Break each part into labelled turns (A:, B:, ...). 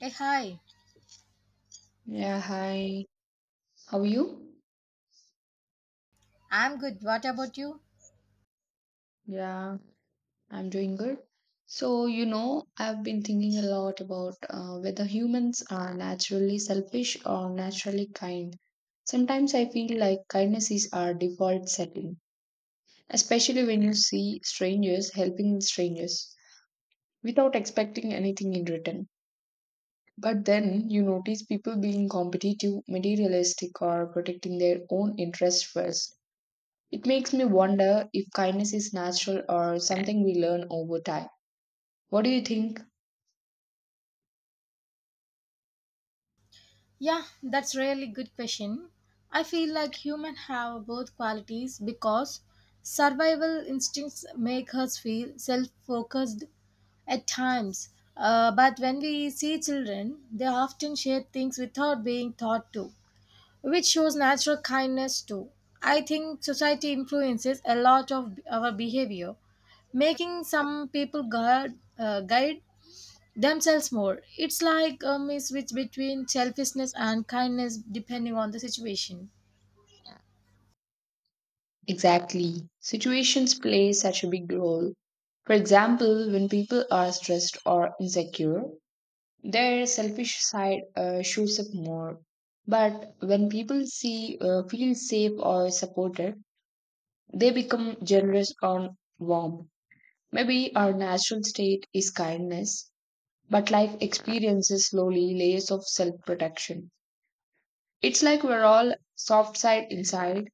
A: Hey, hi.
B: Yeah, hi. How are you?
A: I'm good. What about you?
B: Yeah, I'm doing good. So, you know, I've been thinking a lot about whether humans are naturally selfish or naturally kind. Sometimes I feel like kindness is our default setting, especially when you see strangers helping strangers without expecting anything in return. But then you notice people being competitive, materialistic, or protecting their own interests first. It makes me wonder if kindness is natural or something we learn over time. What do you think?
A: Yeah, that's really good question. I feel like humans have both qualities because survival instincts make us feel self-focused at times. But when we see children, they often share things without being thought to, which shows natural kindness too. I think society influences a lot of our behavior making some people guide themselves more. It's like a switch between selfishness and kindness depending on the situation.
B: Exactly. Situations play such a big role. For example, when people are stressed or insecure, their selfish side shows up more. But when people see feel safe or supported, they become generous or warm. Maybe our natural state is kindness, but life experiences slowly layers of self protection. It's like we're all soft side inside,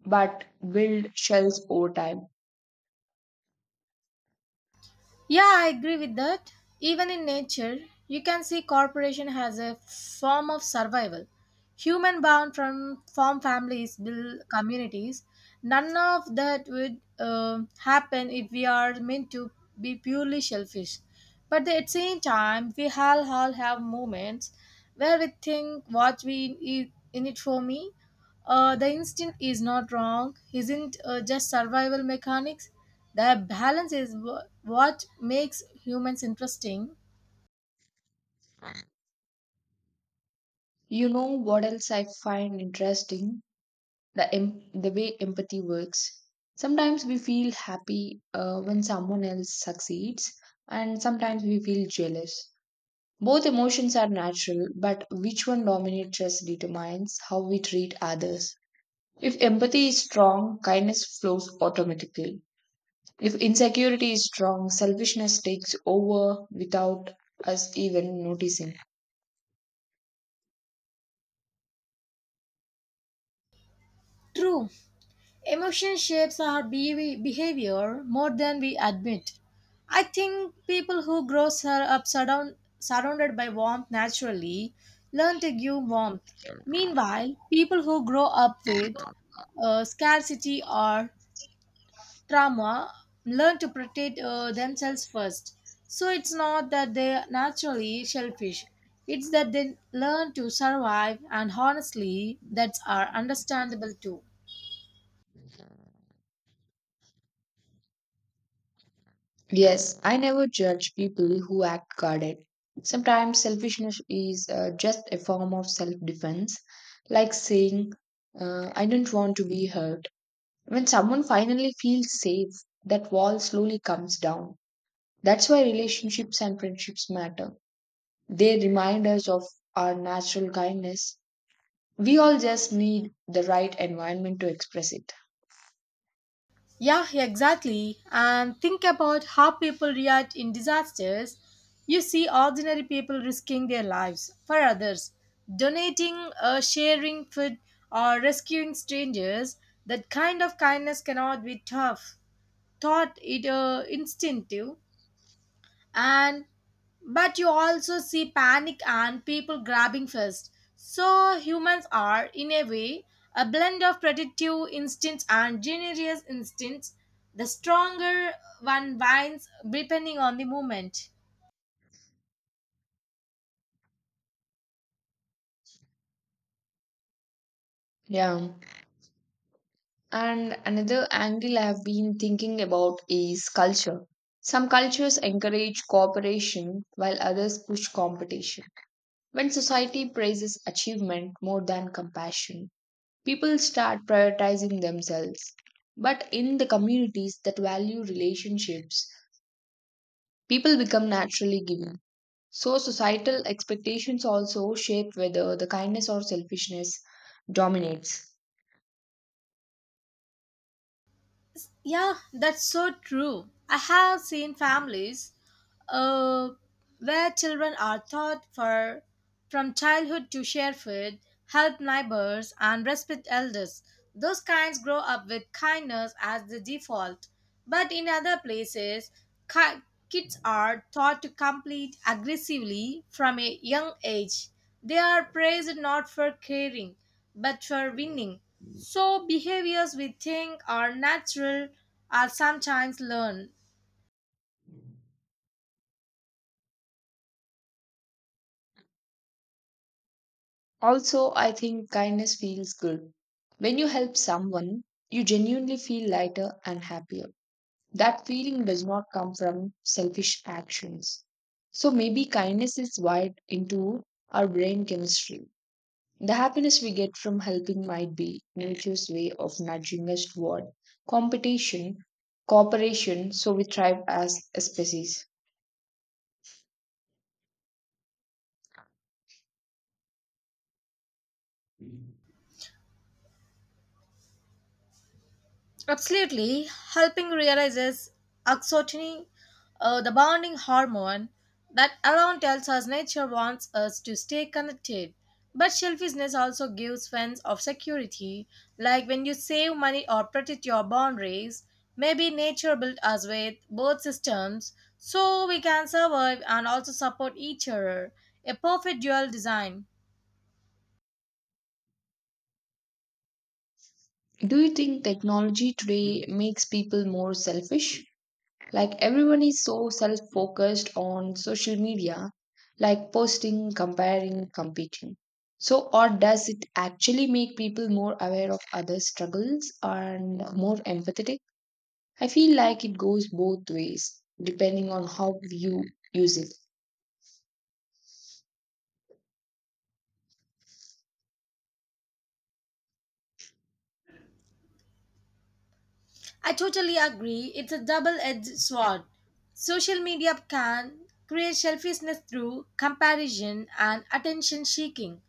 B: but build shells over time.
A: Yeah, I agree with that. Even in nature, you can see corporation has a form of survival. Human bound from form families build communities. None of that would happen if we are meant to be purely selfish. But at the same time, we all have moments where we think what we in it for me. The instinct is not wrong, isn't just survival mechanics. The balance is what makes humans interesting.
B: You know what else I find interesting? The way empathy works. Sometimes we feel happy when someone else succeeds, and sometimes we feel jealous. Both emotions are natural, but which one dominates us determines how we treat others. If empathy is strong, kindness flows automatically. If insecurity is strong, selfishness takes over without us even noticing.
A: True, emotion shapes our behavior more than we admit. I think people who grow up surrounded by warmth naturally learn to give warmth. Meanwhile, people who grow up with scarcity or trauma learn to protect themselves first. So it's not that they are naturally shellfish. It's that they learn to survive, and honestly, that's are understandable too.
B: Yes, I never judge people who act guarded. Sometimes selfishness is just a form of self defense, like saying, I don't want to be hurt. When someone finally feels safe, that wall slowly comes down. That's why relationships and friendships matter. They remind us of our natural kindness. We all just need the right environment to express it.
A: Yeah, exactly. And think about how people react in disasters. You see ordinary people risking their lives for others, donating, sharing food, or rescuing strangers. That kind of kindness cannot be tough. Thought it instinctive and but you also see panic and people grabbing first, so humans are in a way a blend of predictive instincts and generous instincts. The stronger one wins, depending on the moment.
B: Yeah. And another angle I've been thinking about is culture. Some cultures encourage cooperation while others push competition. When society praises achievement more than compassion, people start prioritizing themselves. But in the communities that value relationships, people become naturally giving. So societal expectations also shape whether the kindness or selfishness dominates.
A: Yeah, that's so true. I have seen families uh, where children are taught for from childhood to share food, help neighbors, and respect elders. Those kinds grow up with kindness as the default. But in other places, ki- kids are taught to compete aggressively from a young age. They are praised not for caring, but for winning. So, behaviors we think are natural are sometimes learned.
B: Also, I think kindness feels good. When you help someone, you genuinely feel lighter and happier. That feeling does not come from selfish actions. So maybe kindness is wired into our brain chemistry. The happiness we get from helping might be nature's way of nudging us toward competition, cooperation, so we thrive as a species.
A: Absolutely, helping realizes oxytocin, the bonding hormone that alone tells us nature wants us to stay connected. But selfishness also gives sense of security, like when you save money or protect your boundaries. Maybe nature built us with both systems so we can survive and also support each other. A perfect dual design.
B: Do you think technology today makes people more selfish? Like everyone is so self focused on social media, like posting, comparing, competing. So, or does it actually make people more aware of others' struggles and more empathetic? I feel like it goes both ways, depending on how you use it.
A: I totally agree. It's a double edged sword. Social media can create selfishness through comparison and attention seeking,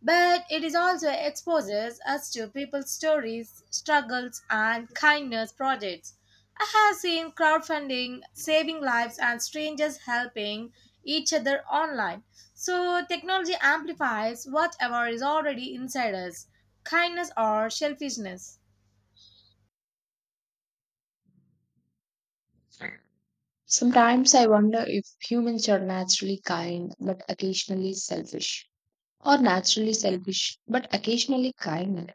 A: but it is also exposes us to people's stories, struggles, and kindness projects. I have seen crowdfunding saving lives and strangers helping each other online. So, technology amplifies whatever is already inside us kindness or selfishness.
B: Sometimes I wonder if humans are naturally kind but occasionally selfish, or naturally selfish but occasionally kind.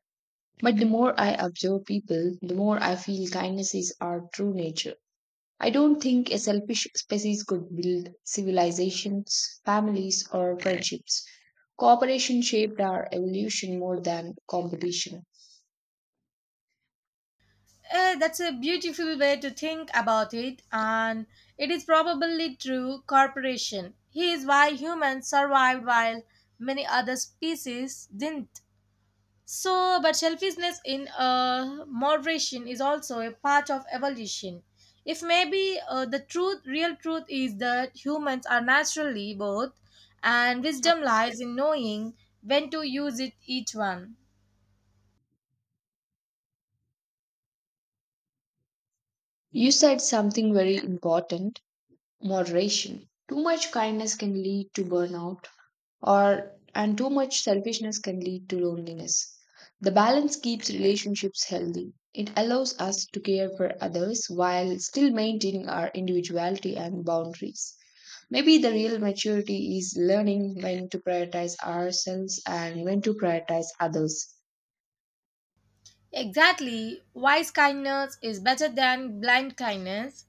B: But the more I observe people, the more I feel kindness is our true nature. I don't think a selfish species could build civilizations, families, or friendships. Cooperation shaped our evolution more than competition.
A: That's a beautiful way to think about it, and it is probably true. Corporation. He is why humans survived while many other species didn't. So, but selfishness in moderation is also a part of evolution. If maybe the truth, real truth, is that humans are naturally both, and wisdom lies in knowing when to use it each one.
B: You said something very important, moderation. Too much kindness can lead to burnout or and too much selfishness can lead to loneliness. The balance keeps relationships healthy. It allows us to care for others while still maintaining our individuality and boundaries. Maybe the real maturity is learning when to prioritize ourselves and when to prioritize others.
A: Exactly, wise kindness is better than blind kindness.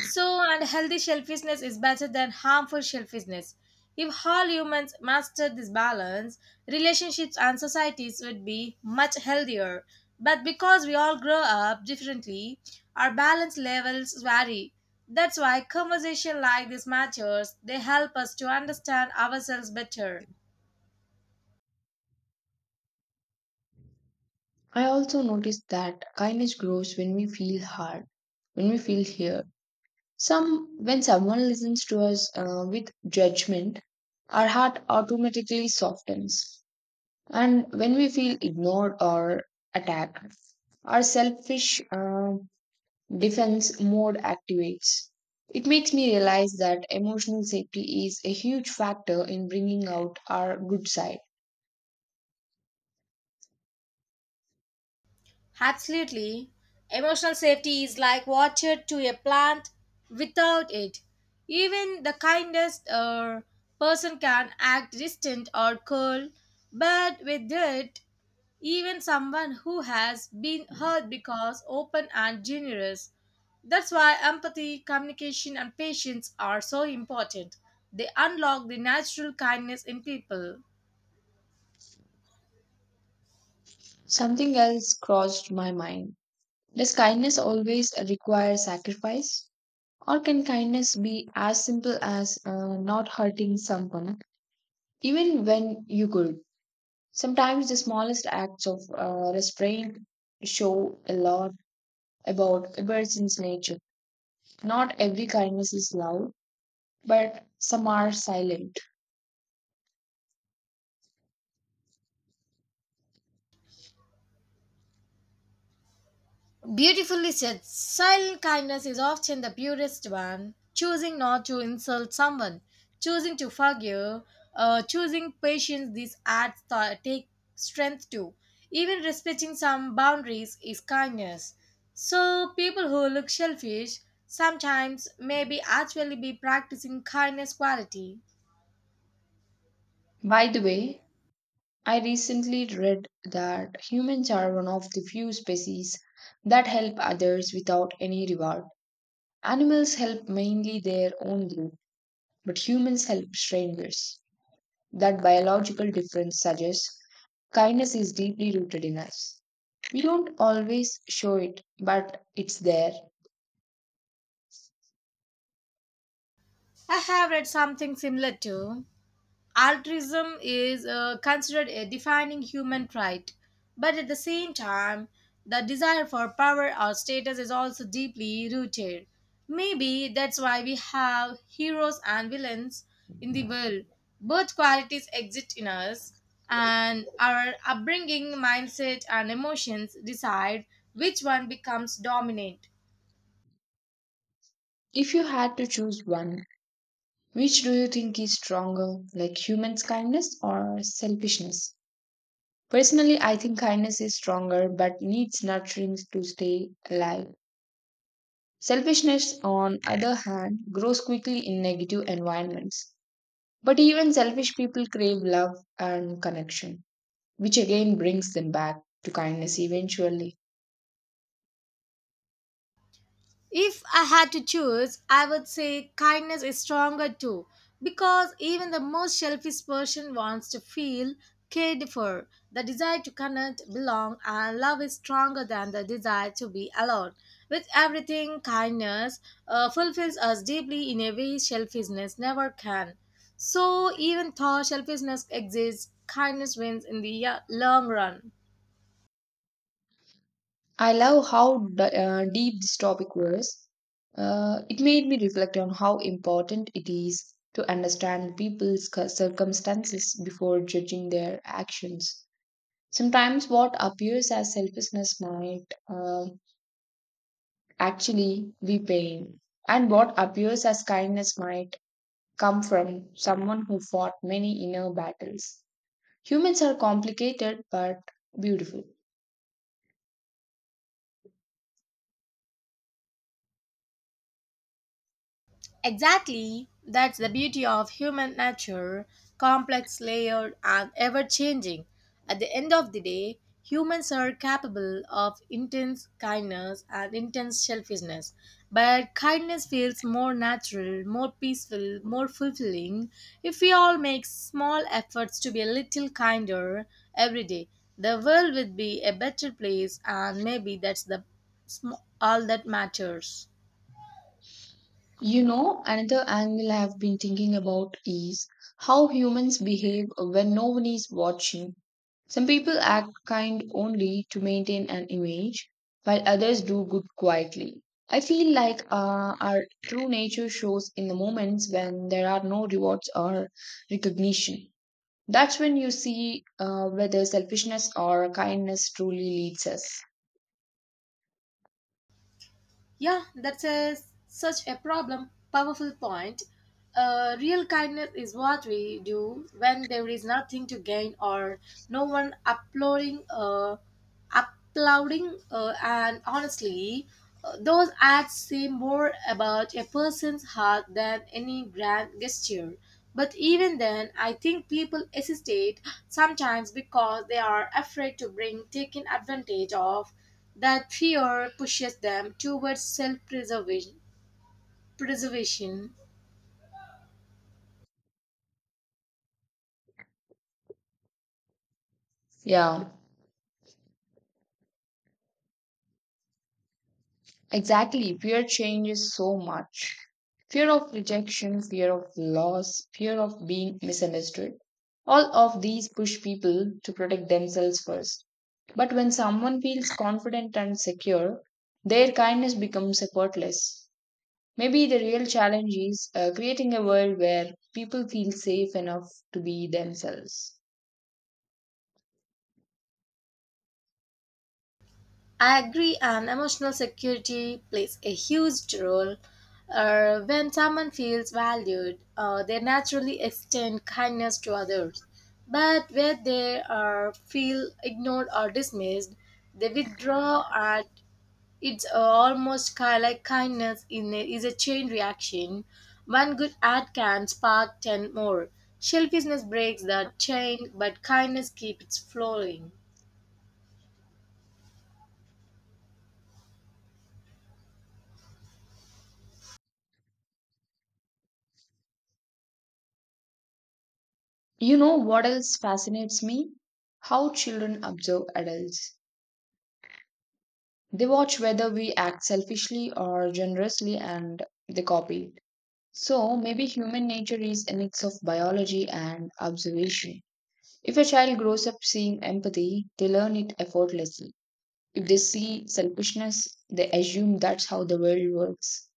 A: So, and healthy selfishness is better than harmful selfishness. If all humans mastered this balance, relationships and societies would be much healthier. But because we all grow up differently, our balance levels vary. That's why conversation like this matters. They help us to understand ourselves better.
B: I also noticed that kindness grows when we feel hard, when we feel here. Some when someone listens to us with judgment, our heart automatically softens. And when we feel ignored or attacked, our selfish defense mode activates. It makes me realize that emotional safety is a huge factor in bringing out our good side.
A: Absolutely. Emotional safety is like water to a plant. Without it, even the kindest person can act distant or cold, but with it, even someone who has been hurt becomes open and generous. That's why empathy, communication, and patience are so important. They unlock the natural kindness in people.
B: Something else crossed my mind. Does kindness always require sacrifice? Or can kindness be as simple as not hurting someone, even when you could? Sometimes the smallest acts of restraint show a lot about emergence nature. Not every kindness is loud, but some are silent.
A: Beautifully said. Silent kindness is often the purest one. Choosing not to insult someone, choosing to forgive, choosing patience, these acts take strength too. Even respecting some boundaries is kindness. So, people who look selfish sometimes may be actually be practicing kindness quality.
B: By the way, I recently read that humans are one of the few species that help others without any reward. Animals help mainly their own group, but humans help strangers. That biological difference suggests kindness is deeply rooted in us. We don't always show it, but it's there.
A: I have read something similar too. Altruism is considered a defining human trait, but at the same time, the desire for power or status is also deeply rooted. Maybe that's why we have heroes and villains in the world. Both qualities exist in us, and our upbringing, mindset, and emotions decide which one becomes dominant.
B: If you had to choose one, which do you think is stronger, like humans' kindness or selfishness? Personally, I think kindness is stronger but needs nurturing to stay alive. Selfishness, on other hand, grows quickly in negative environments. But even selfish people crave love and connection, which again brings them back to kindness eventually.
A: If I had to choose, I would say kindness is stronger too, because even the most selfish person wants to feel cared for. The desire to connect, belong, and love is stronger than the desire to be alone. With everything, kindness fulfills us deeply in a way selfishness never can. So, even though selfishness exists, kindness wins in the long run.
B: I love how deep this topic was. It made me reflect on how important it is to understand people's circumstances before judging their actions. Sometimes what appears as selfishness might actually be pain, and what appears as kindness might come from someone who fought many inner battles. Humans are complicated but beautiful.
A: Exactly, that's the beauty of human nature complex, layered, and ever changing. At the end of the day, humans are capable of intense kindness and intense selfishness. But kindness feels more natural, more peaceful, more fulfilling if we all make small efforts to be a little kinder every day. The world would be a better place, and maybe that's the all that matters.
B: You know, another angle I've been thinking about is how humans behave when no one is watching. Some people act kind only to maintain an image, while others do good quietly. I feel like our true nature shows in the moments when there are no rewards or recognition. That's when you see whether selfishness or kindness truly leads us.
A: Yeah, that's a, such a problem. Powerful point. Real kindness is what we do when there is nothing to gain or no one applauding. And honestly, those acts say more about a person's heart than any grand gesture. But even then, I think people hesitate sometimes because they are afraid to bring taken advantage of. That fear pushes them towards self preservation.
B: Yeah. Exactly. Fear changes so much. Fear of rejection, fear of loss, fear of being misunderstood. All of these push people to protect themselves first. But when someone feels confident and secure, their kindness becomes effortless. Maybe the real challenge is creating a world where people feel safe enough to be themselves.
A: I agree, and emotional security plays a huge role. When someone feels valued, they naturally extend kindness to others. But where they are feel ignored or dismissed, they withdraw at. It's almost like kindness in a, is a chain reaction. One good act can spark ten more. Selfishness breaks that chain, but kindness keeps it flowing.
B: You know what else fascinates me? How children observe adults. They watch whether we act selfishly or generously and they copy it. So maybe human nature is a mix of biology and observation. If a child grows up seeing empathy, they learn it effortlessly. If they see selfishness, they assume that's how the world works.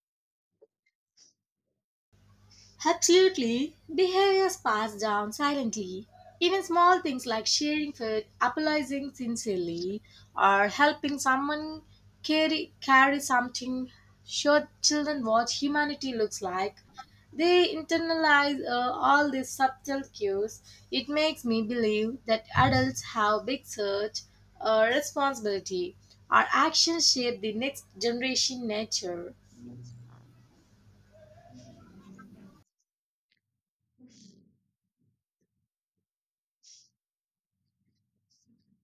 A: Absolutely. Behaviors passed down silently. Even small things like sharing food, apologizing sincerely, or helping someone carry something show children what humanity looks like. They internalize all these subtle cues. It makes me believe that adults have big responsibility. Our actions shape the next generation nature.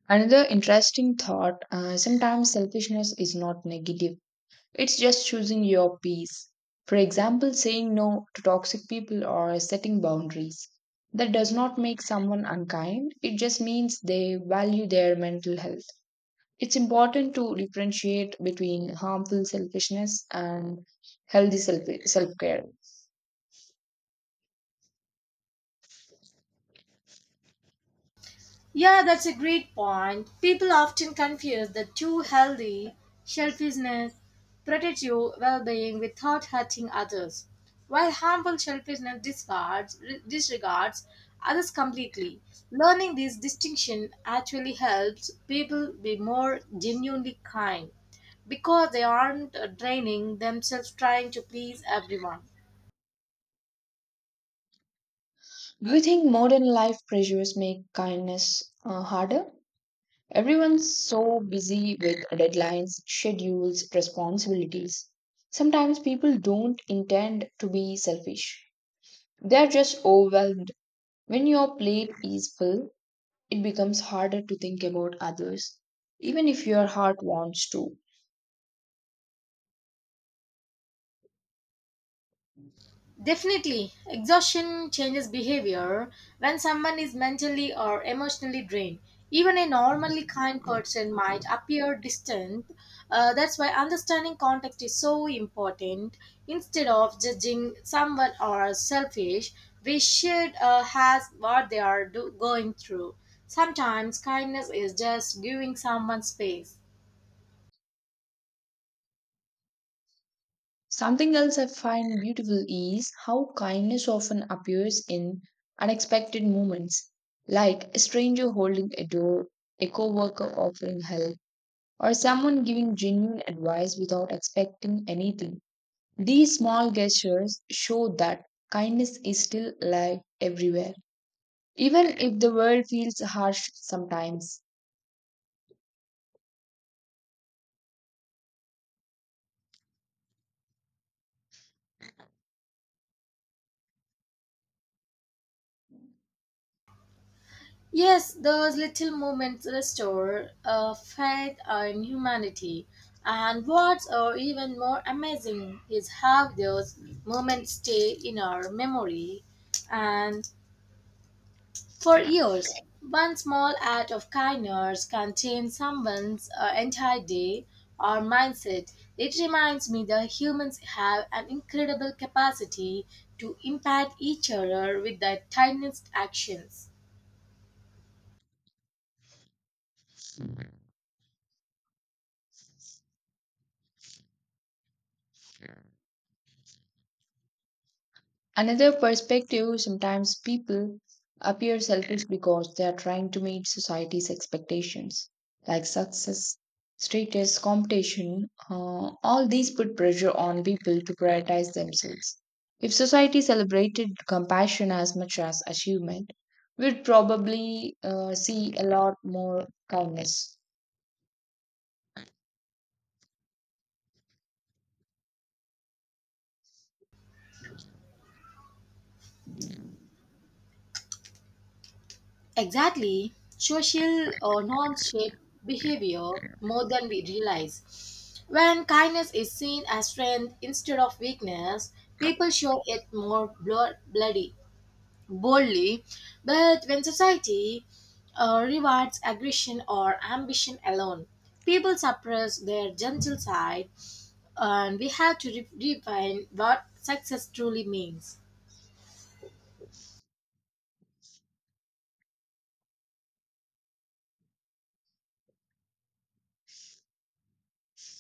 B: Another interesting thought, sometimes selfishness is not negative. It's just choosing your peace. For example, saying no to toxic people or setting boundaries. That does not make someone unkind, it just means they value their mental health. It's important to differentiate between harmful selfishness and healthy self care.
A: Yeah, that's a great point. People often confuse the two healthy selfishness protects your well-being without hurting others, while harmful selfishness disregards others completely. Learning this distinction actually helps people be more genuinely kind because they aren't draining themselves trying to please everyone.
B: Do you think modern life pressures make kindness harder? Everyone's so busy with deadlines, schedules, responsibilities. Sometimes people don't intend to be selfish. They are just overwhelmed. When your plate is full, it becomes harder to think about others, even if your heart wants to.
A: Definitely, exhaustion changes behavior when someone is mentally or emotionally drained. Even a normally kind person might appear distant. That's why understanding context is so important. Instead of judging someone or selfish, we should ask what they are going through. Sometimes kindness is just giving someone space.
B: Something else I find beautiful is how kindness often appears in unexpected moments, like a stranger holding a door, a coworker offering help or someone giving genuine advice without expecting anything. These small gestures show that kindness is still alive everywhere, even if the world feels harsh sometimes.
A: Yes, those little moments restore faith in humanity. And what's or even more amazing is how those moments stay in our memory and for years. One small act of kindness can change someone's entire day or mindset. It reminds me that humans have an incredible capacity to impact each other with their tiniest actions.
B: Another perspective, sometimes people appear selfish because they are trying to meet society's expectations, like success, status, competition. All these put pressure on people to prioritize themselves. If society celebrated compassion as much as achievement, we'd probably see a lot more kindness.
A: Exactly. Social or non shape behavior more than we realize. When kindness is seen as strength instead of weakness, people show it more boldly. But when society rewards aggression or ambition alone, people suppress their gentle side, and we have to define what success truly means.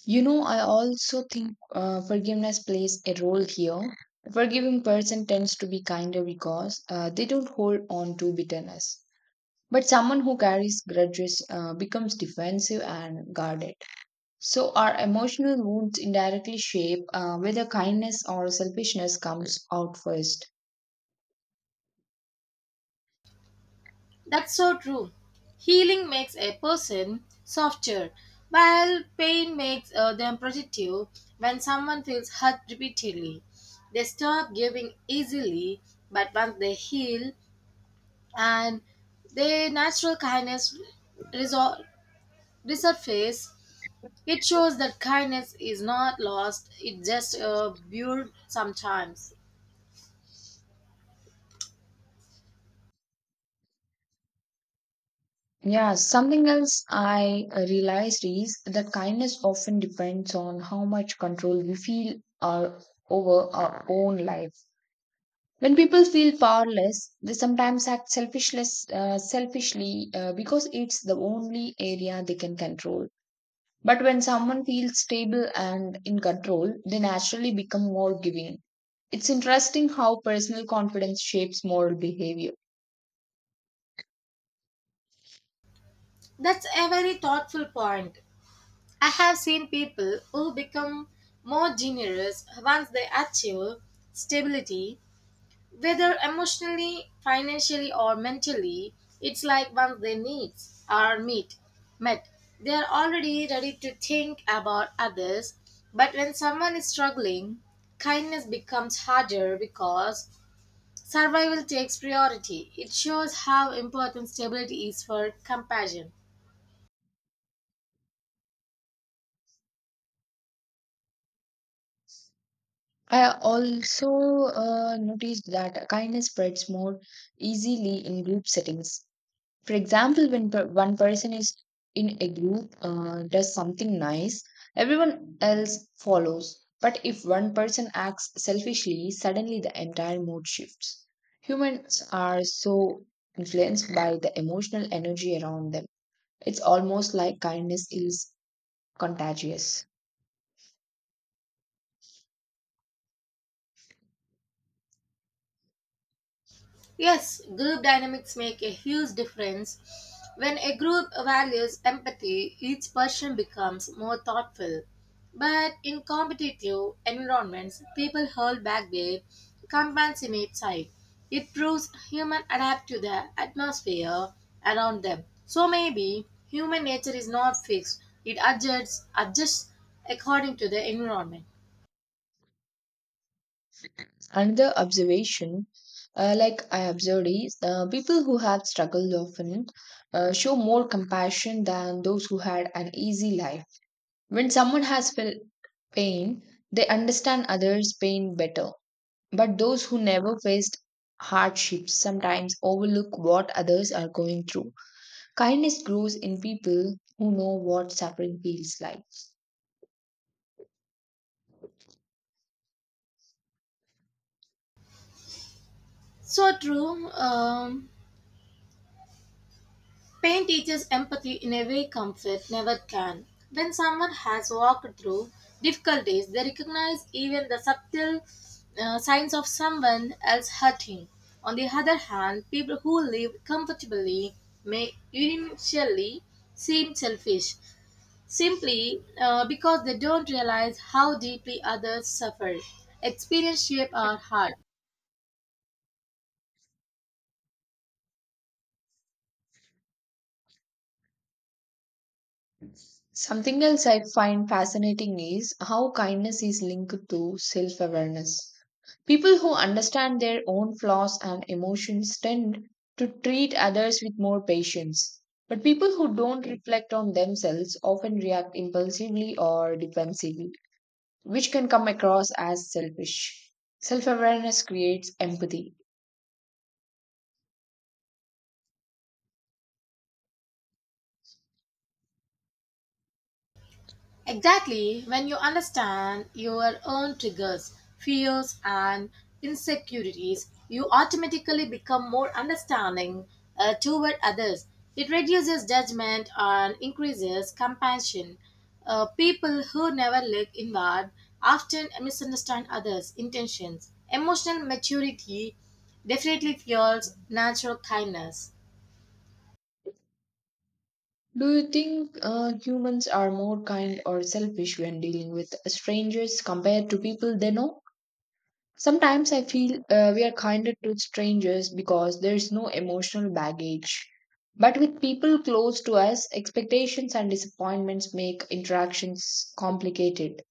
B: You know, I also think forgiveness plays a role here. A forgiving person tends to be kinder because they don't hold on to bitterness. But someone who carries grudges becomes defensive and guarded. So, our emotional wounds indirectly shape whether kindness or selfishness comes out first.
A: That's so true. Healing makes a person softer, while pain makes them protective. When someone feels hurt repeatedly, they stop giving easily, but once they heal and their natural kindness resor- resurface, it shows that kindness is not lost, it just built sometimes.
B: Yeah, something else I realized is that kindness often depends on how much control we feel our, over our own life. When people feel powerless, they sometimes act selfishly because it's the only area they can control. But when someone feels stable and in control, they naturally become more giving. It's interesting how personal confidence shapes moral behavior.
A: That's a very thoughtful point. I have seen people who become more generous once they achieve stability, whether emotionally, financially, or mentally. It's like once their needs are met, they are already ready to think about others. But when someone is struggling, kindness becomes harder because survival takes priority. It shows how important stability is for compassion.
B: I also noticed that kindness spreads more easily in group settings. For example, when one person is in a group, does something nice, everyone else follows. But if one person acts selfishly, suddenly the entire mood shifts. Humans are so influenced by the emotional energy around them. It's almost like kindness is contagious.
A: Yes, group dynamics make a huge difference. When a group values empathy, each person becomes more thoughtful. But in competitive environments, people hold back their compassionate side. It proves humans adapt to the atmosphere around them. So maybe human nature is not fixed, it adjusts according to the environment.
B: Another observation, I observed, is people who have struggled often show more compassion than those who had an easy life. When someone has felt pain, they understand others' pain better. But those who never faced hardships sometimes overlook what others are going through. Kindness grows in people who know what suffering feels like.
A: So true. Pain teaches empathy in a way comfort never can. When someone has walked through difficult days, they recognize even the subtle signs of someone else hurting. On the other hand, people who live comfortably may initially seem selfish simply because they don't realize how deeply others suffer. Experience shape our heart.
B: Something else I find fascinating is how kindness is linked to self awareness. People who understand their own flaws and emotions tend to treat others with more patience. But people who don't reflect on themselves often react impulsively or defensively, which can come across as selfish. Self awareness creates empathy.
A: Exactly, when you understand your own triggers, fears, and insecurities, you automatically become more understanding toward others. It reduces judgment and increases compassion. People who never look inward often misunderstand others' intentions. Emotional maturity definitely fuels natural kindness.
B: Do you think humans are more kind or selfish when dealing with strangers compared to people they know? Sometimes I feel we are kinder to strangers because there is no emotional baggage. But with people close to us, expectations and disappointments make interactions complicated.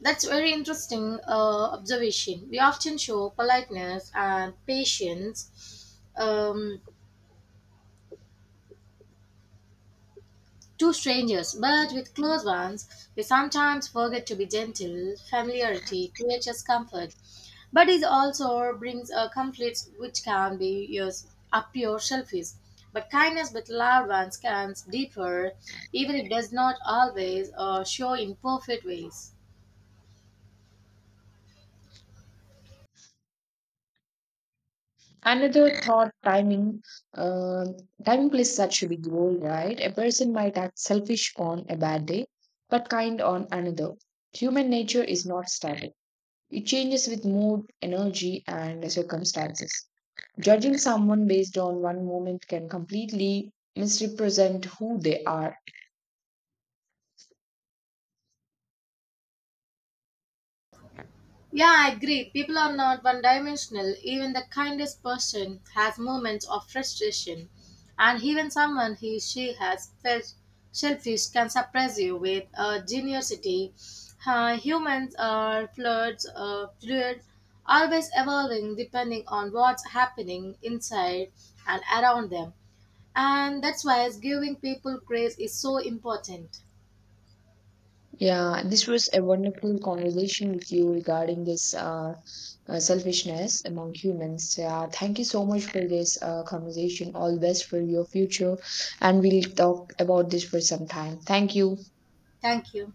A: That's very interesting observation. We often show politeness and patience to strangers, but with close ones, we sometimes forget to be gentle. Familiarity creates comfort, but it also brings a conflict which can be yours, appear selfish. But kindness with loved ones can deeper, even if it does not always show in perfect ways.
B: Another thought, timing. Uh, timing plays such a big role, right? A person might act selfish on a bad day, but kind on another. Human nature is not static, it changes with mood, energy, and circumstances. Judging someone based on one moment can completely misrepresent who they are.
A: Yeah, I agree. People are not one dimensional. Even the kindest person has moments of frustration. And even someone he she has felt shellfish can surprise you with generosity. Humans are fluid, always evolving depending on what's happening inside and around them. And that's why giving people grace is so important.
B: Yeah, this was a wonderful conversation with you regarding this selfishness among humans. Yeah, thank you so much for this conversation. All the best for your future, and we'll talk about this for some time. Thank you.
A: Thank you.